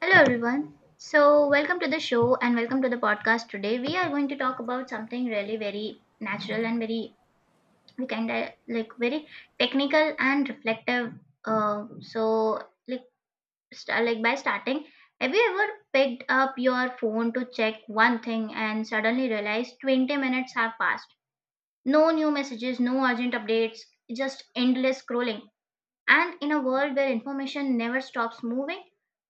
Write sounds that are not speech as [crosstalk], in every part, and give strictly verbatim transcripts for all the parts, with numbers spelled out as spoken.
Hello everyone. So welcome to the show and welcome to the podcast today. We are going to talk about something really very natural and very we kind of like very technical and reflective. Uh, so like st- like by starting, have you ever picked up your phone to check one thing and suddenly realized twenty minutes have passed? No new messages, no urgent updates, just endless scrolling. And in a world where information never stops moving,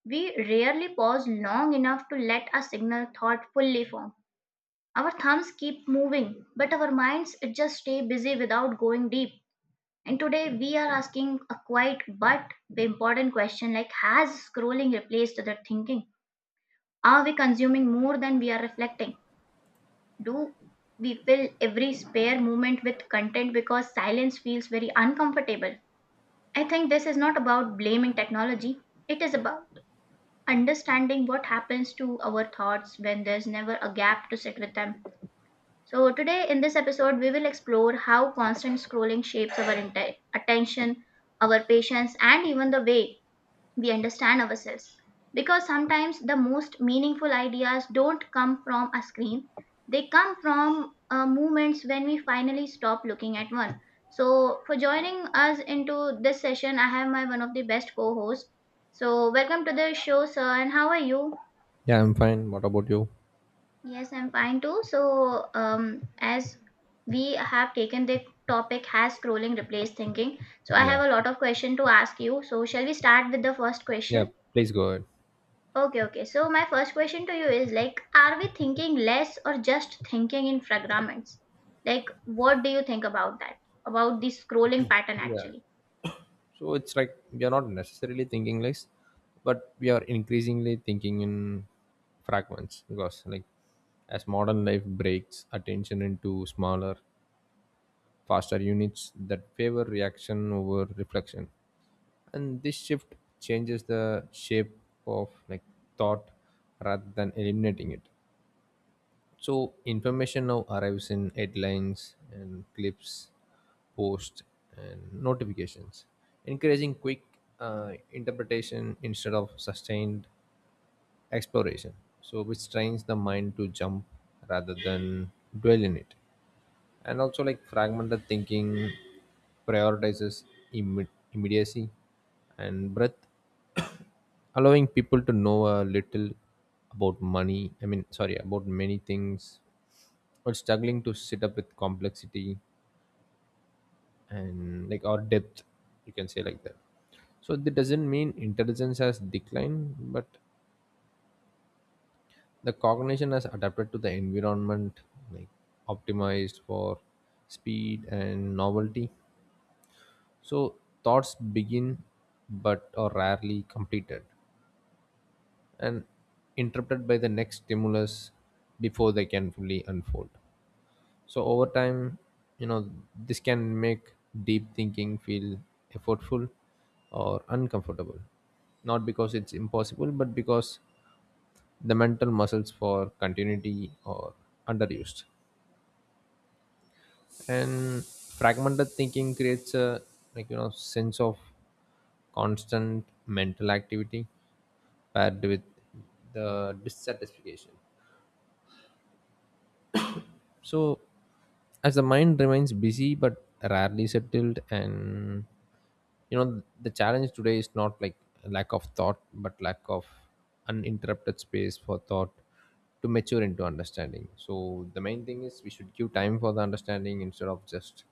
we rarely pause long enough to let a signal thought fully form. Our thumbs keep moving, but our minds just stay busy without going deep. And today we are asking a quiet but important question, like, has scrolling replaced the thinking? Are we consuming more than we are reflecting? Do we fill every spare moment with content because silence feels very uncomfortable? I think this is not about blaming technology, it is about understanding what happens to our thoughts when there's never a gap to sit with them. So, today in this episode, we will explore how constant scrolling shapes our inte- attention, our patience, and even the way we understand ourselves. Because sometimes the most meaningful ideas don't come from a screen, they come from uh, moments when we finally stop looking at one. So, for joining us into this session, I have my one of the best co hosts. So, welcome to the show, sir, and how are you? Yeah, I'm fine. What about you? Yes, I'm fine too. So, um, as we have taken the topic has scrolling replaced thinking, so I Yeah. have a lot of question to ask you. So, shall we start with the first Yeah, question? Please go ahead. Okay, okay. So, my first question to you is like, are we thinking less or just thinking in fragments? Like, what do you think about that? About the scrolling pattern Yeah. actually? So it's like we are not necessarily thinking less, but we are increasingly thinking in fragments because, like, as modern life breaks attention into smaller, faster units that favor reaction over reflection, and this shift changes the shape of like thought rather than eliminating it. So information now arrives in headlines and clips, posts and notifications, encouraging quick uh, interpretation instead of sustained exploration. So which trains the mind to jump rather than dwell in it, and also like fragmented thinking prioritizes imme- immediacy and breadth [coughs] allowing people to know a little about money I mean sorry, about many things, or struggling to sit up with complexity and like or depth, you can say like that. So that doesn't mean intelligence has declined, but the cognition has adapted to the environment, like optimized for speed and novelty. So thoughts begin but are rarely completed and interrupted by the next stimulus before they can fully unfold. So over time, you know, this can make deep thinking feel effortful or uncomfortable. Not because it's impossible, but because the mental muscles for continuity are underused. And fragmented thinking creates a like you know sense of constant mental activity paired with the dissatisfaction, so as the mind remains busy but rarely settled. And you know the challenge today is not like lack of thought but lack of uninterrupted space for thought to mature into understanding. So the main thing is we should give time for the understanding instead of just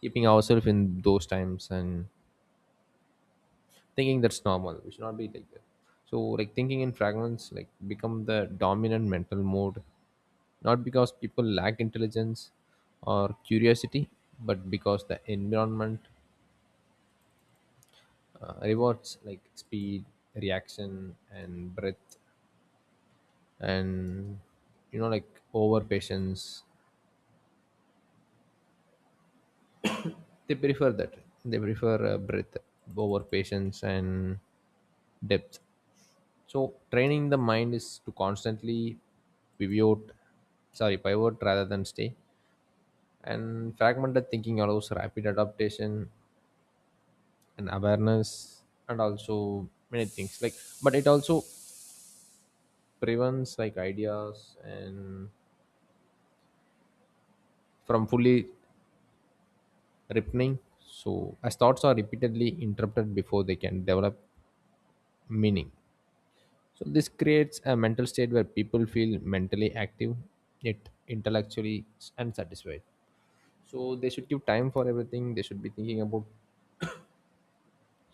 keeping ourselves in those times and thinking that's normal. We should not be like that. So like thinking in fragments like become the dominant mental mode, not because people lack intelligence or curiosity, but because the environment uh, rewards like speed, reaction, and breadth, and you know like over patience. They prefer that. They prefer uh, breadth over patience and depth. So training the mind is to constantly pivot, sorry, pivot rather than stay. And fragmented thinking allows rapid adaptation and awareness and also many things. Like but it also prevents like ideas and from fully ripening. So as thoughts are repeatedly interrupted before they can develop meaning. So this creates a mental state where people feel mentally active yet intellectually unsatisfied. So they should give time for everything they should be thinking about.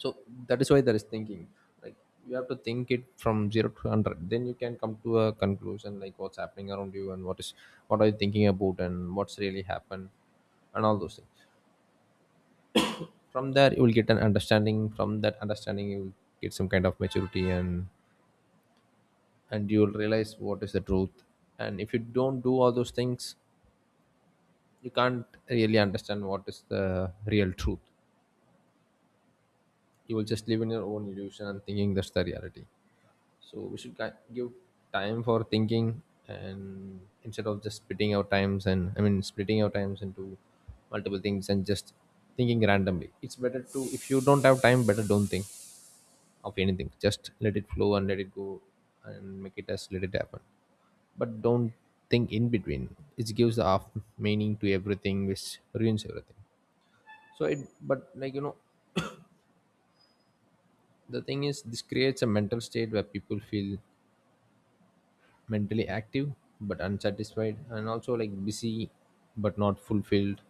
So that is why there is thinking, like you have to think it from zero to one hundred, then you can come to a conclusion like what's happening around you and what is what are you thinking about and what's really happened and all those things. From there you will get an understanding, from that understanding you will get some kind of maturity, and and you will realize what is the truth. And if you don't do all those things, you can't really understand what is the real truth, you will just live in your own illusion and thinking that's the reality. So we should gi- give time for thinking, and instead of just splitting our times and I mean splitting our times into multiple things and just thinking randomly, it's better to, if you don't have time, better don't think of anything, just let it flow and let it go and make it as let it happen, but don't think in between. It gives the half meaning to everything which ruins everything. So it, but like you know, the thing is this creates a mental state where people feel mentally active but unsatisfied, and also like busy but not fulfilled.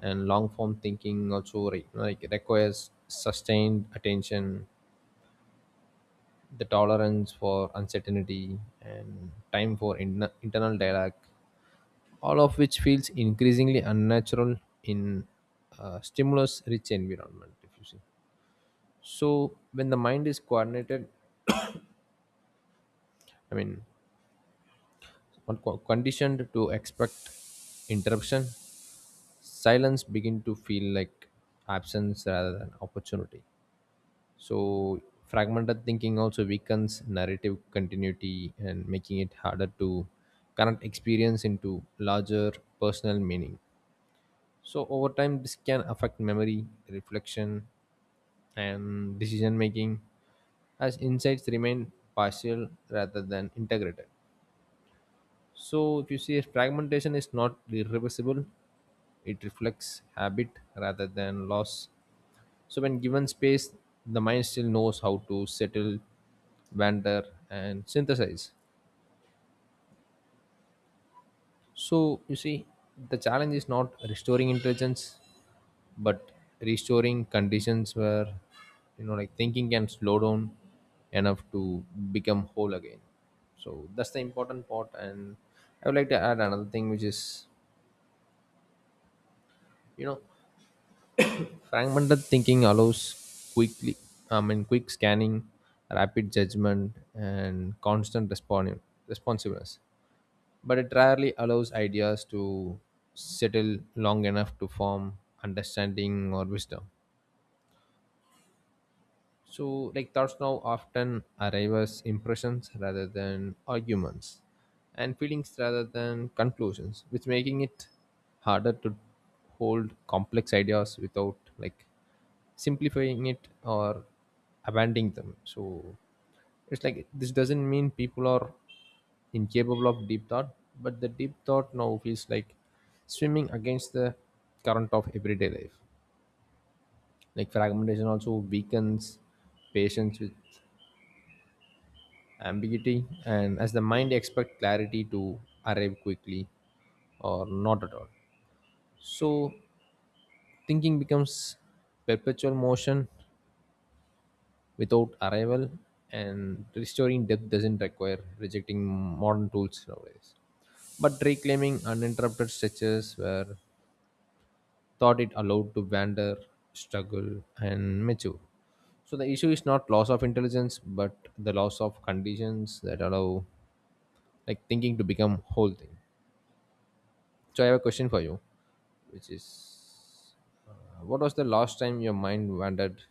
And long form thinking also re- like requires sustained attention, the tolerance for uncertainty and time for in- internal dialogue, all of which feels increasingly unnatural in a stimulus rich environment if you see. So when the mind is coordinated I mean one co- conditioned to expect interruption, silence begin to feel like absence rather than opportunity. So fragmented thinking also weakens narrative continuity and making it harder to connect experience into larger personal meaning. So over time this can affect memory, reflection, and decision making, as insights remain partial rather than integrated. So if you see, fragmentation is not irreversible, it reflects habit rather than loss. So when given space, the mind still knows how to settle, wander, and synthesize. So you see, the challenge is not restoring intelligence, but restoring conditions where you know like thinking can slow down enough to become whole again. So that's the important part, and I would like to add another thing, which is you know fragmented thinking allows quickly, I mean, quick scanning, rapid judgment, and constant responding, responsiveness. But it rarely allows ideas to settle long enough to form understanding or wisdom. So, like thoughts now often arrive as impressions rather than arguments, and feelings rather than conclusions, which making it harder to hold complex ideas without like simplifying it or abandoning them. So, it's like this doesn't mean people are incapable of deep thought, but the deep thought now feels like swimming against the current of everyday life. Like fragmentation also weakens patience with ambiguity, and as the mind expect clarity to arrive quickly or not at all. So thinking becomes perpetual motion without arrival, and restoring depth doesn't require rejecting modern tools nowadays. But reclaiming uninterrupted stretches where thought it allowed to wander, struggle, and mature. So the issue is not loss of intelligence, but the loss of conditions that allow like thinking to become whole thing. So I have a question for you, which is, uh, what was the last time your mind wandered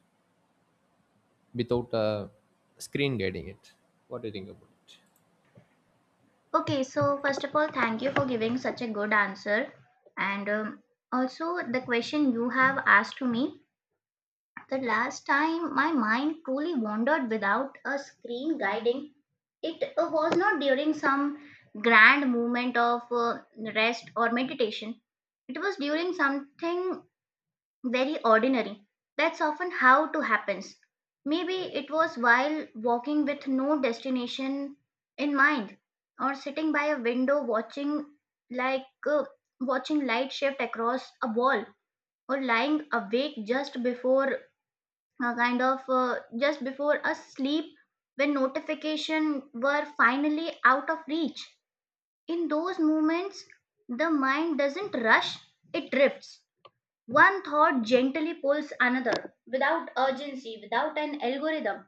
without a screen guiding it? What do you think about it? Okay, so first of all, thank you for giving such a good answer. And um, also, the question you have asked to me, the last time my mind truly wandered without a screen guiding, it uh, was not during some grand moment of uh, rest or meditation. It was during something very ordinary. That's often how it happens. Maybe it was while walking with no destination in mind, or sitting by a window watching like uh, watching light shift across a wall, or lying awake just before uh, kind of uh, just before a sleep, when notification were finally out of reach. In those moments the mind doesn't rush, it drifts. One thought gently pulls another, without urgency, without an algorithm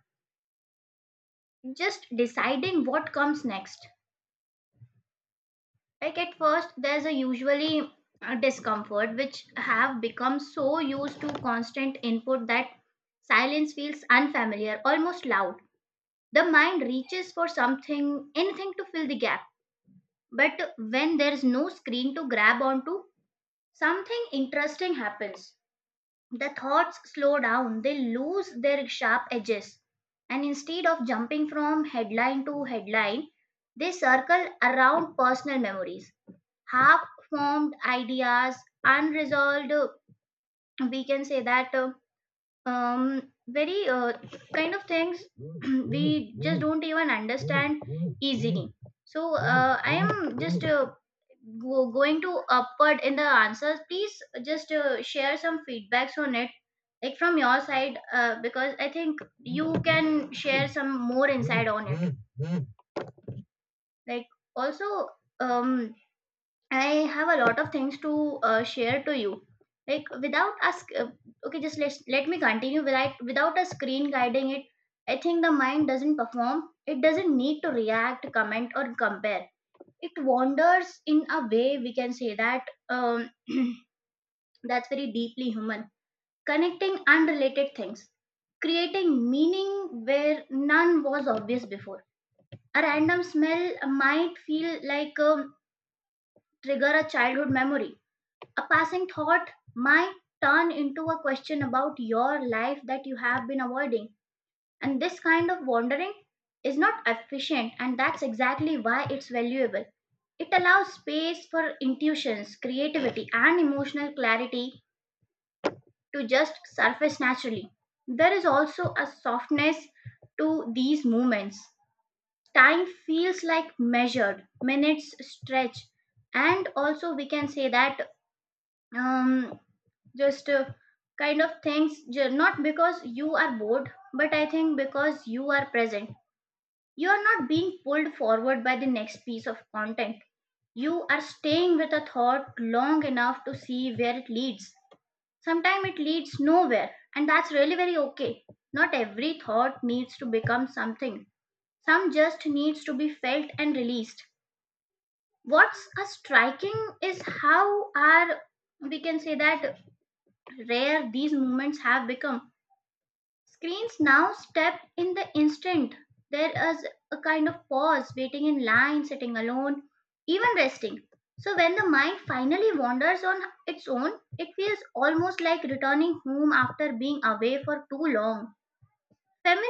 just deciding what comes next. Like, at first there's a usually a discomfort, which have become so used to constant input that silence feels unfamiliar, almost loud. The mind reaches for something, anything to fill the gap. But when there's no screen to grab onto, something interesting happens. The thoughts slow down, they lose their sharp edges, and instead of jumping from headline to headline, they circle around personal memories, half formed ideas, unresolved. We can say that uh, um very uh, kind of things [clears throat] we just don't even understand easily. So uh, I am just uh, go- going to upward in the answers, please just uh, share some feedbacks on it, like, from your side, uh, because I think you can share some more insight on it. Like, also, um I have a lot of things to uh, share to you. Like without us, uh, okay, just let let me continue. Without without a screen guiding it, I think the mind doesn't perform. It doesn't need to react, comment, or compare. It wanders in a way, we can say that um, [clears throat] that's very deeply human. Connecting unrelated things, creating meaning where none was obvious before. A random smell might feel like um, trigger a childhood memory, a passing thought might turn into a question about your life that you have been avoiding. And this kind of wandering is not efficient, and that's exactly why it's valuable. It allows space for intuitions, creativity, and emotional clarity to just surface naturally. There is also a softness to these moments. Time feels like measured, minutes stretch, and also we can say that um, just uh, kind of things ju- not because you are bored, but I think because you are present. You are not being pulled forward by the next piece of content, you are staying with a thought long enough to see where it leads. Sometimes it leads nowhere, and that's really very okay. Not every thought needs to become something, some just needs to be felt and released. What's a striking is how are, we can say that, rare these moments have become. Screens now step in the instant. There is a kind of pause, waiting in line, sitting alone, even resting. So when the mind finally wanders on its own, it feels almost like returning home after being away for too long. Familiar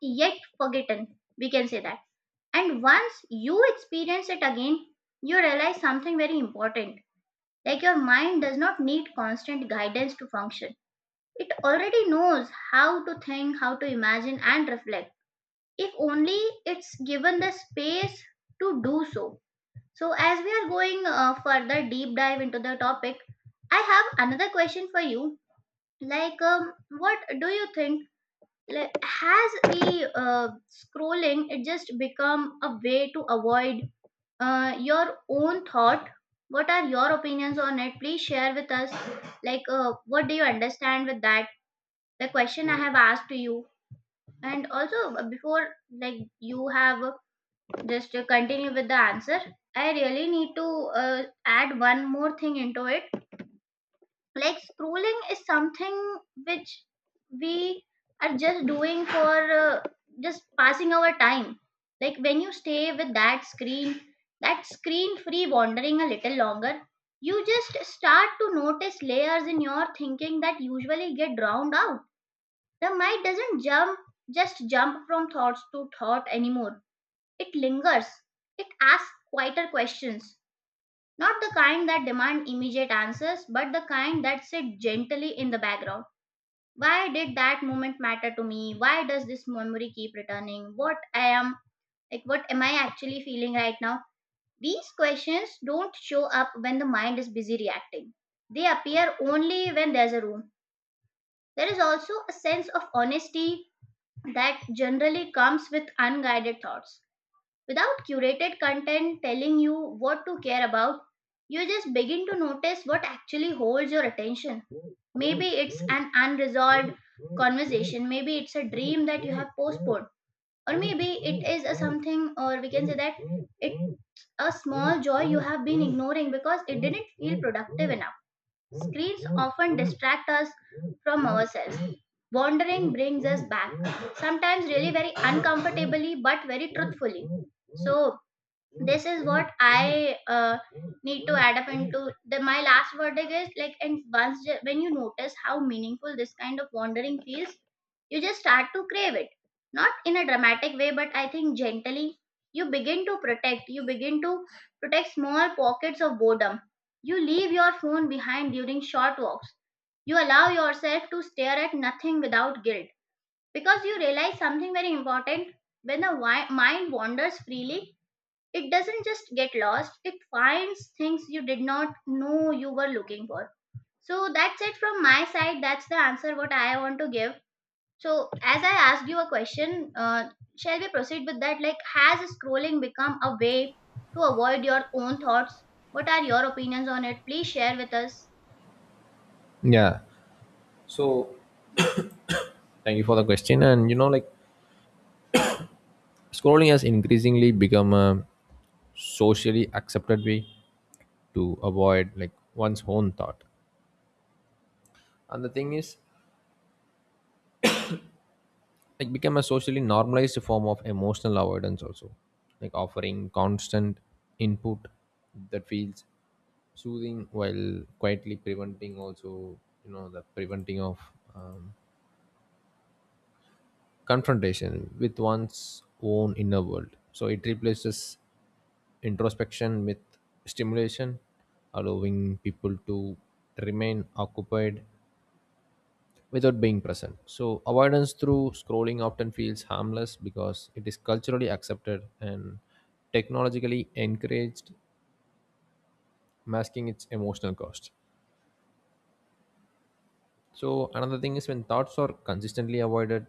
yet forgotten, we can say that. And once you experience it again, you realize something very important. Like, your mind does not need constant guidance to function, it already knows how to think, how to imagine, and reflect, if only it's given the space to do so. So, as we are going uh, further deep dive into the topic, I have another question for you. Like, um, what do you think? Like, has the uh, scrolling it just become a way to avoid uh, your own thought? What are your opinions on it? Please share with us. Like, uh, what do you understand with that, the question I have asked to you? And also uh, before like you have uh, just uh, continue with the answer, I really need to uh, add one more thing into it. Like, scrolling is something which we are just doing for uh, just passing our time. Like when you stay with that screen, that screen free wandering a little longer, you just start to notice layers in your thinking that usually get drowned out. The mind doesn't jump just jump from thoughts to thought anymore. It lingers. It asks quieter questions. Not the kind that demand immediate answers, but the kind that sit gently in the background. Why did that moment matter to me? Why does this memory keep returning? What I am like what am I actually feeling right now? These questions don't show up when the mind is busy reacting. They appear only when there's a room. There is also a sense of honesty that generally comes with unguided thoughts. Without curated content telling you what to care about, you just begin to notice what actually holds your attention. Maybe it's an unresolved conversation, maybe it's a dream that you have postponed, or maybe it is a something, or we can say that it's a small joy you have been ignoring because it didn't feel productive enough. Screens often distract us from ourselves. Wandering brings us back, sometimes really very uncomfortably, but very truthfully. So this is what I uh, need to add up into the my last verdict is like, and once ju- when you notice how meaningful this kind of wandering feels, you just start to crave it. Not in a dramatic way, but I think gently you begin to protect. You begin to protect small pockets of boredom. You leave your phone behind during short walks, you allow yourself to stare at nothing without guilt, because you realize something very important. When the wi- mind wanders freely, it doesn't just get lost, it finds things you did not know you were looking for. So that's it from my side. That's the answer what I want to give. So, as I asked you a question, uh, shall we proceed with that? Like, has scrolling become a way to avoid your own thoughts? What are your opinions on it? Please share with us. Yeah. So thank you for the question. And you know, like scrolling has increasingly become a socially accepted way to avoid like one's own thought. And the thing is like become a socially normalized form of emotional avoidance also, like offering constant input that feels soothing while quietly preventing also, you know, the preventing of um, confrontation with one's own inner world. So it replaces introspection with stimulation, allowing people to remain occupied without being present. So, avoidance through scrolling often feels harmless because it is culturally accepted and technologically encouraged, masking its emotional cost. So, another thing is when thoughts are consistently avoided,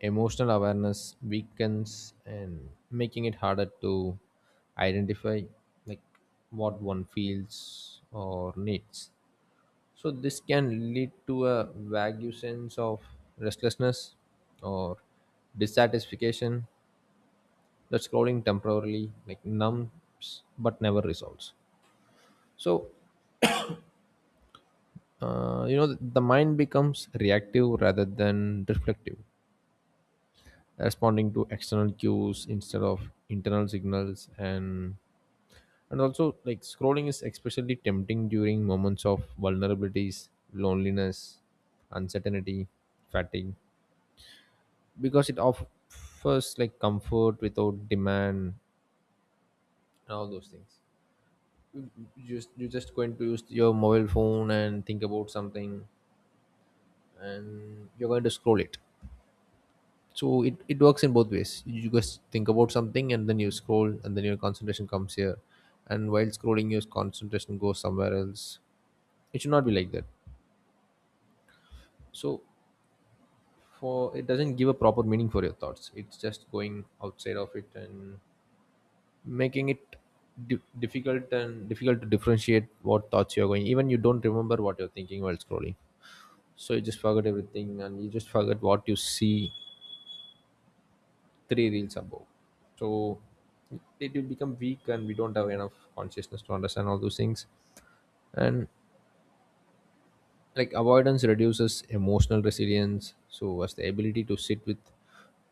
emotional awareness weakens and making it harder to identify like what one feels or needs. So this can lead to a vague sense of restlessness or dissatisfaction that scrolling temporarily like numbs but never resolves. So uh, you know the mind becomes reactive rather than reflective, responding to external cues instead of internal signals. And and also like scrolling is especially tempting during moments of vulnerabilities, loneliness, uncertainty, fatigue, because it offers like comfort without demand and all those things. You just you just going to use your mobile phone and think about something and you're going to scroll it. So it, it works in both ways, you just think about something and then you scroll and then your concentration comes here, and while scrolling your concentration goes somewhere else. It should not be like that. So for it doesn't give a proper meaning for your thoughts, it's just going outside of it and making it di- difficult and difficult to differentiate what thoughts you're going, even you don't remember what you're thinking while scrolling. So you just forget everything and you just forget what you see three reels above. So it will become weak and we don't have enough consciousness to understand all those things. And like avoidance reduces emotional resilience, so as the ability to sit with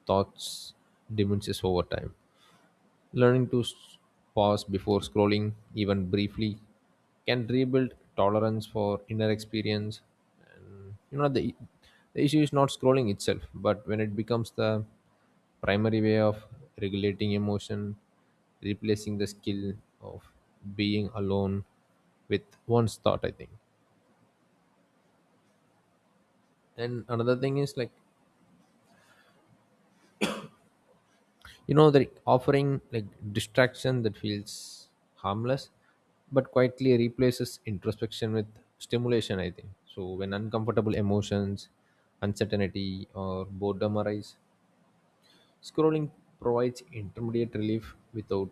thoughts diminishes over time. Learning to s- pause before scrolling, even briefly, can rebuild tolerance for inner experience. And you know, the, the issue is not scrolling itself, but when it becomes the primary way of regulating emotion, replacing the skill of being alone with one's thought, I think. And another thing is like you know the offering like distraction that feels harmless but quietly replaces introspection with stimulation I think. So when uncomfortable emotions, uncertainty or boredom arise, scrolling provides intermediate relief without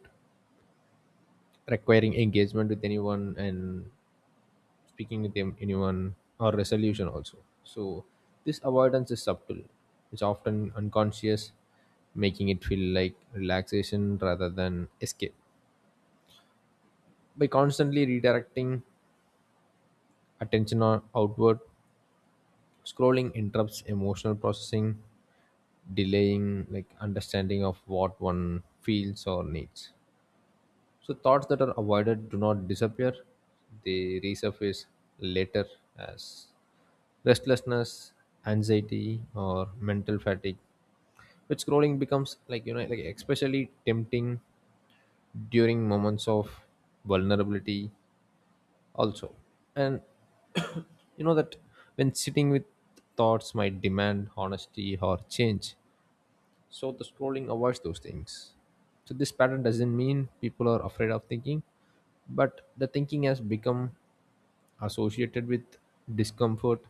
requiring engagement with anyone and speaking with them anyone or resolution also. So this avoidance is subtle, it's often unconscious, making it feel like relaxation rather than escape. By constantly redirecting attention or outward, scrolling interrupts emotional processing, delaying like understanding of what one feels or needs. So thoughts that are avoided do not disappear; they resurface later as restlessness, anxiety, or mental fatigue. But scrolling becomes like you know, like especially tempting during moments of vulnerability, also. And you know that when sitting with thoughts might demand honesty or change, so the scrolling avoids those things. So this pattern doesn't mean people are afraid of thinking, but the thinking has become associated with discomfort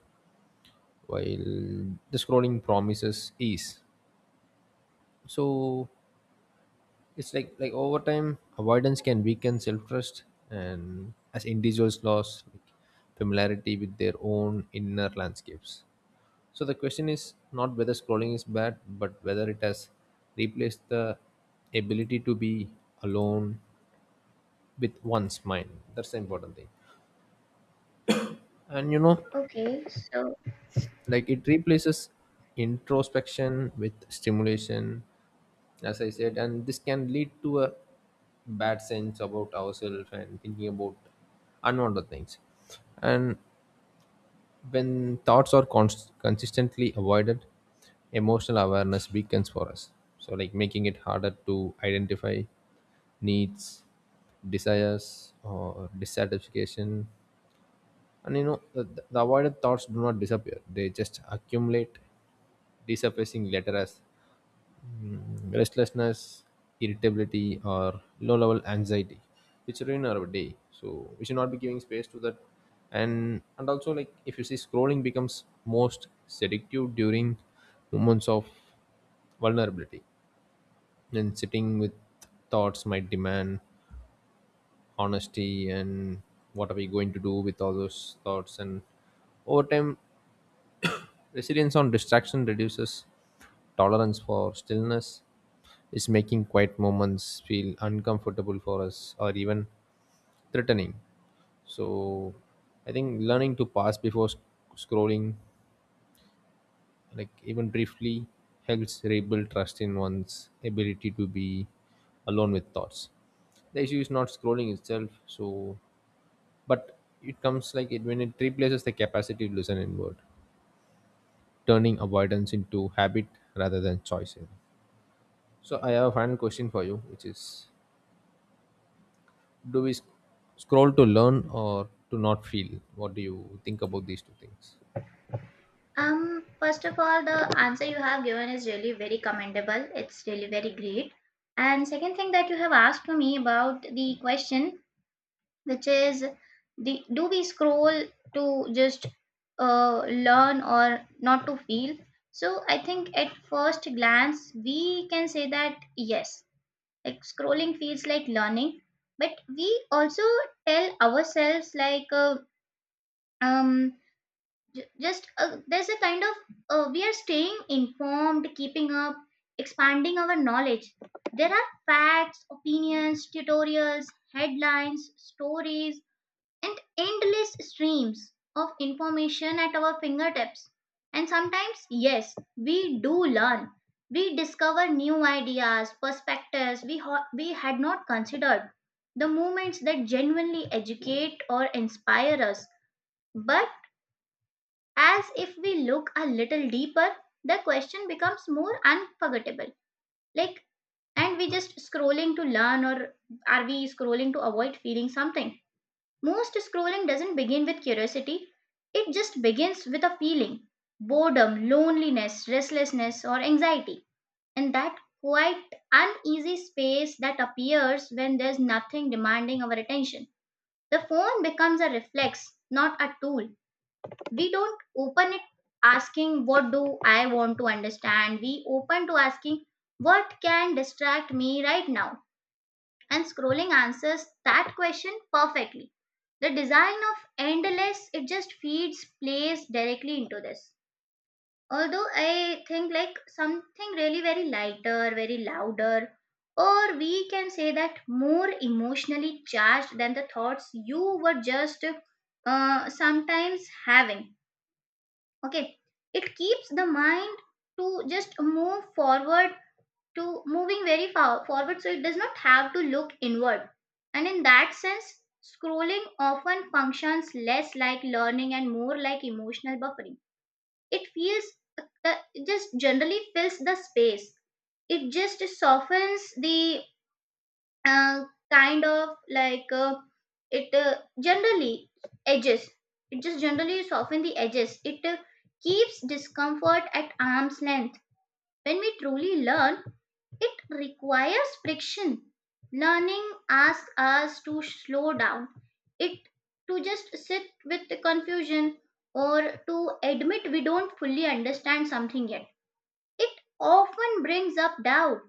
while the scrolling promises ease. So it's like like over time avoidance can weaken self trust, and as individuals lose like familiarity with their own inner landscapes. So the question is not whether scrolling is bad, but whether it has replaced the ability to be alone with one's mind. That's the important thing. And you know, Okay, so like it replaces introspection with stimulation, as I said, and this can lead to a bad sense about ourselves and thinking about unwanted things. And when thoughts are const- consistently avoided, emotional awareness weakens for us. So, like making it harder to identify needs, desires, or dissatisfaction. And you know, the, the avoided thoughts do not disappear, they just accumulate, resurfacing later as restlessness, irritability, or low level anxiety, which ruin our day. So we should not be giving space to that. And and also like if you see scrolling becomes most seductive during moments of vulnerability. Then sitting with thoughts might demand honesty, and what are we going to do with all those thoughts. And over time resilience on distraction reduces tolerance for stillness, is making quiet moments feel uncomfortable for us or even threatening. So, I think learning to pause before sc- scrolling, like even briefly, helps rebuild trust in one's ability to be alone with thoughts. The issue is not scrolling itself, so but it comes like it when it replaces the capacity to listen inward, turning avoidance into habit rather than choice. So I have a final question for you, which is, do we sc- scroll to learn or to not feel? What do you think about these two things? Um, first of all, the answer you have given is really very commendable. It's really very great. And second thing that you have asked to me about the question, which is, the do we scroll to just uh, learn or not to feel? So I think at first glance we can say that yes, like scrolling feels like learning, but we also tell ourselves like uh, um J- just uh, there's a kind of uh, we are staying informed, keeping up, expanding our knowledge. There are facts, opinions, tutorials, headlines, stories, and endless streams of information at our fingertips. And sometimes yes, we do learn, we discover new ideas, perspectives we ho- we had not considered, the moments that genuinely educate or inspire us. But as if we look a little deeper, the question becomes more unforgettable. Like, and we just scrolling to learn, or are we scrolling to avoid feeling something? Most scrolling doesn't begin with curiosity, it just begins with a feeling, boredom, loneliness, restlessness, or anxiety. And that quite uneasy space that appears when there's nothing demanding our attention. The phone becomes a reflex, not a tool. We don't open it asking what do I want to understand. We open to asking what can distract me right now, and scrolling answers that question perfectly. The design of endless it just feeds plays directly into this, although I think like something really very lighter, very louder, or we can say that more emotionally charged than the thoughts you were just uh, sometimes having. Okay, it keeps the mind to just move forward, to moving very far forward so it does not have to look inward. And in that sense, scrolling often functions less like learning and more like emotional buffering. It feels uh, it just generally fills the space. It just softens the uh, kind of like uh, it uh, generally edges. It just generally soften the edges, it uh, keeps discomfort at arm's length. When we truly learn, it requires friction. Learning asks us to slow down, it to just sit with the confusion, or to admit we don't fully understand something yet. It often brings up doubt,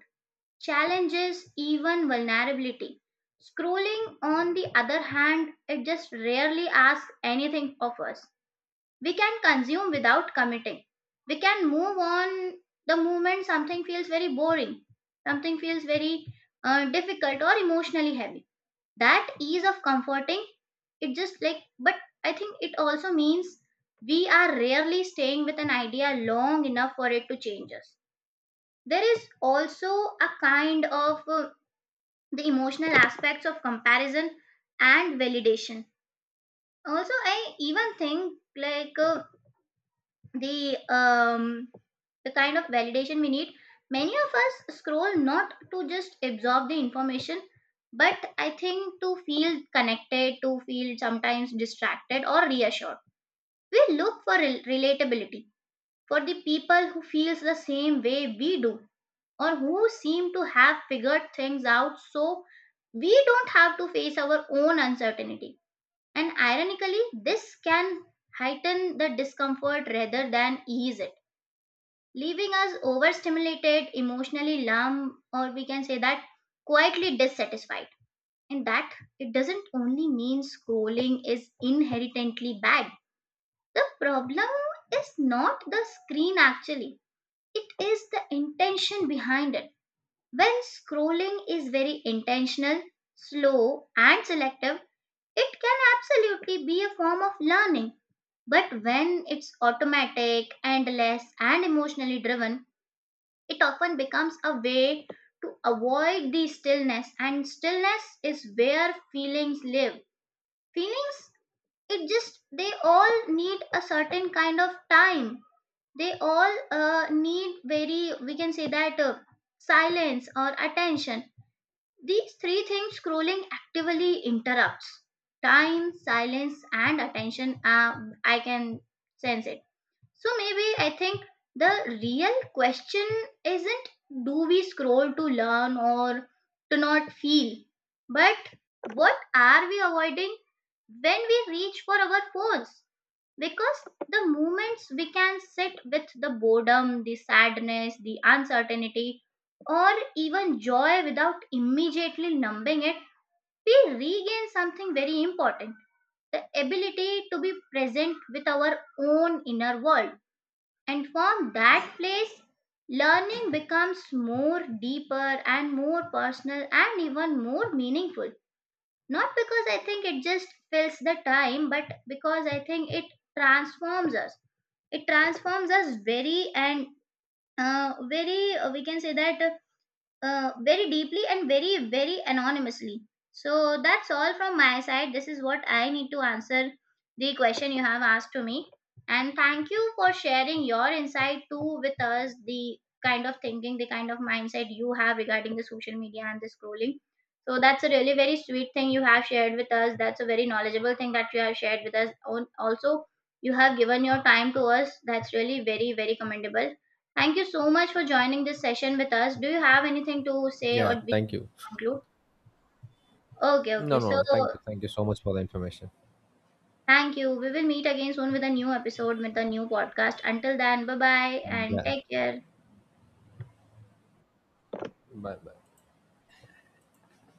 challenges, even vulnerability. Scrolling, on the other hand, it just rarely asks anything of us. We can consume without committing. We can move on the moment something feels very boring, something feels very uh, difficult or emotionally heavy. That ease of comforting, it just like, but I think it also means we are rarely staying with an idea long enough for it to change us. There is also a kind of uh, the emotional aspects of comparison and validation. Also, I even think like uh, the um the kind of validation we need. Many of us scroll not to just absorb the information, but I think to feel connected, to feel sometimes distracted or reassured. We look for rel- relatability, for the people who feels the same way we do, or who seem to have figured things out so we don't have to face our own uncertainty. And ironically, this can heighten the discomfort rather than ease it, leaving us overstimulated, emotionally numb, or we can say that quietly dissatisfied. And that it doesn't only mean scrolling is inherently bad. The problem is not the screen actually, it is the intention behind it. When scrolling is very intentional, slow, and selective, it can absolutely be a form of learning. But when it's automatic, endless, and emotionally driven, it often becomes a way to avoid the stillness. And stillness is where feelings live. Feelings, it just, they all need a certain kind of time. They all uh, need very, we can say that, uh, silence or attention. These three things scrolling actively interrupts: time, silence, and attention. Um, I can sense it. So maybe I think the real question isn't do we scroll to learn or to not feel, but what are we avoiding when we reach for our phones? Because the moments we can sit with the boredom, the sadness, the uncertainty, or even joy without immediately numbing it, we regain something very important: the ability to be present with our own inner world. And from that place, learning becomes more deeper and more personal and even more meaningful. Not because I think it just fills the time, but because I think it transforms us. It transforms us very and uh, very, uh, we can say that, uh, uh, very deeply and very, very anonymously. So that's all from my side. This is what I need to answer the question you have asked to me. And thank you for sharing your insight too with us, the kind of thinking, the kind of mindset you have regarding the social media and the scrolling. So that's a really very sweet thing you have shared with us. That's a very knowledgeable thing that you have shared with us. On- Also, you have given your time to us. That's really very, very commendable. Thank you so much for joining this session with us. Do you have anything to say or Yeah, we thank you. conclude? Okay, No, okay. So no, thank you. Thank you so much for the information. thank you. We will meet again soon with a new episode with a new podcast. Until then, bye bye and Yeah. take care. Bye bye.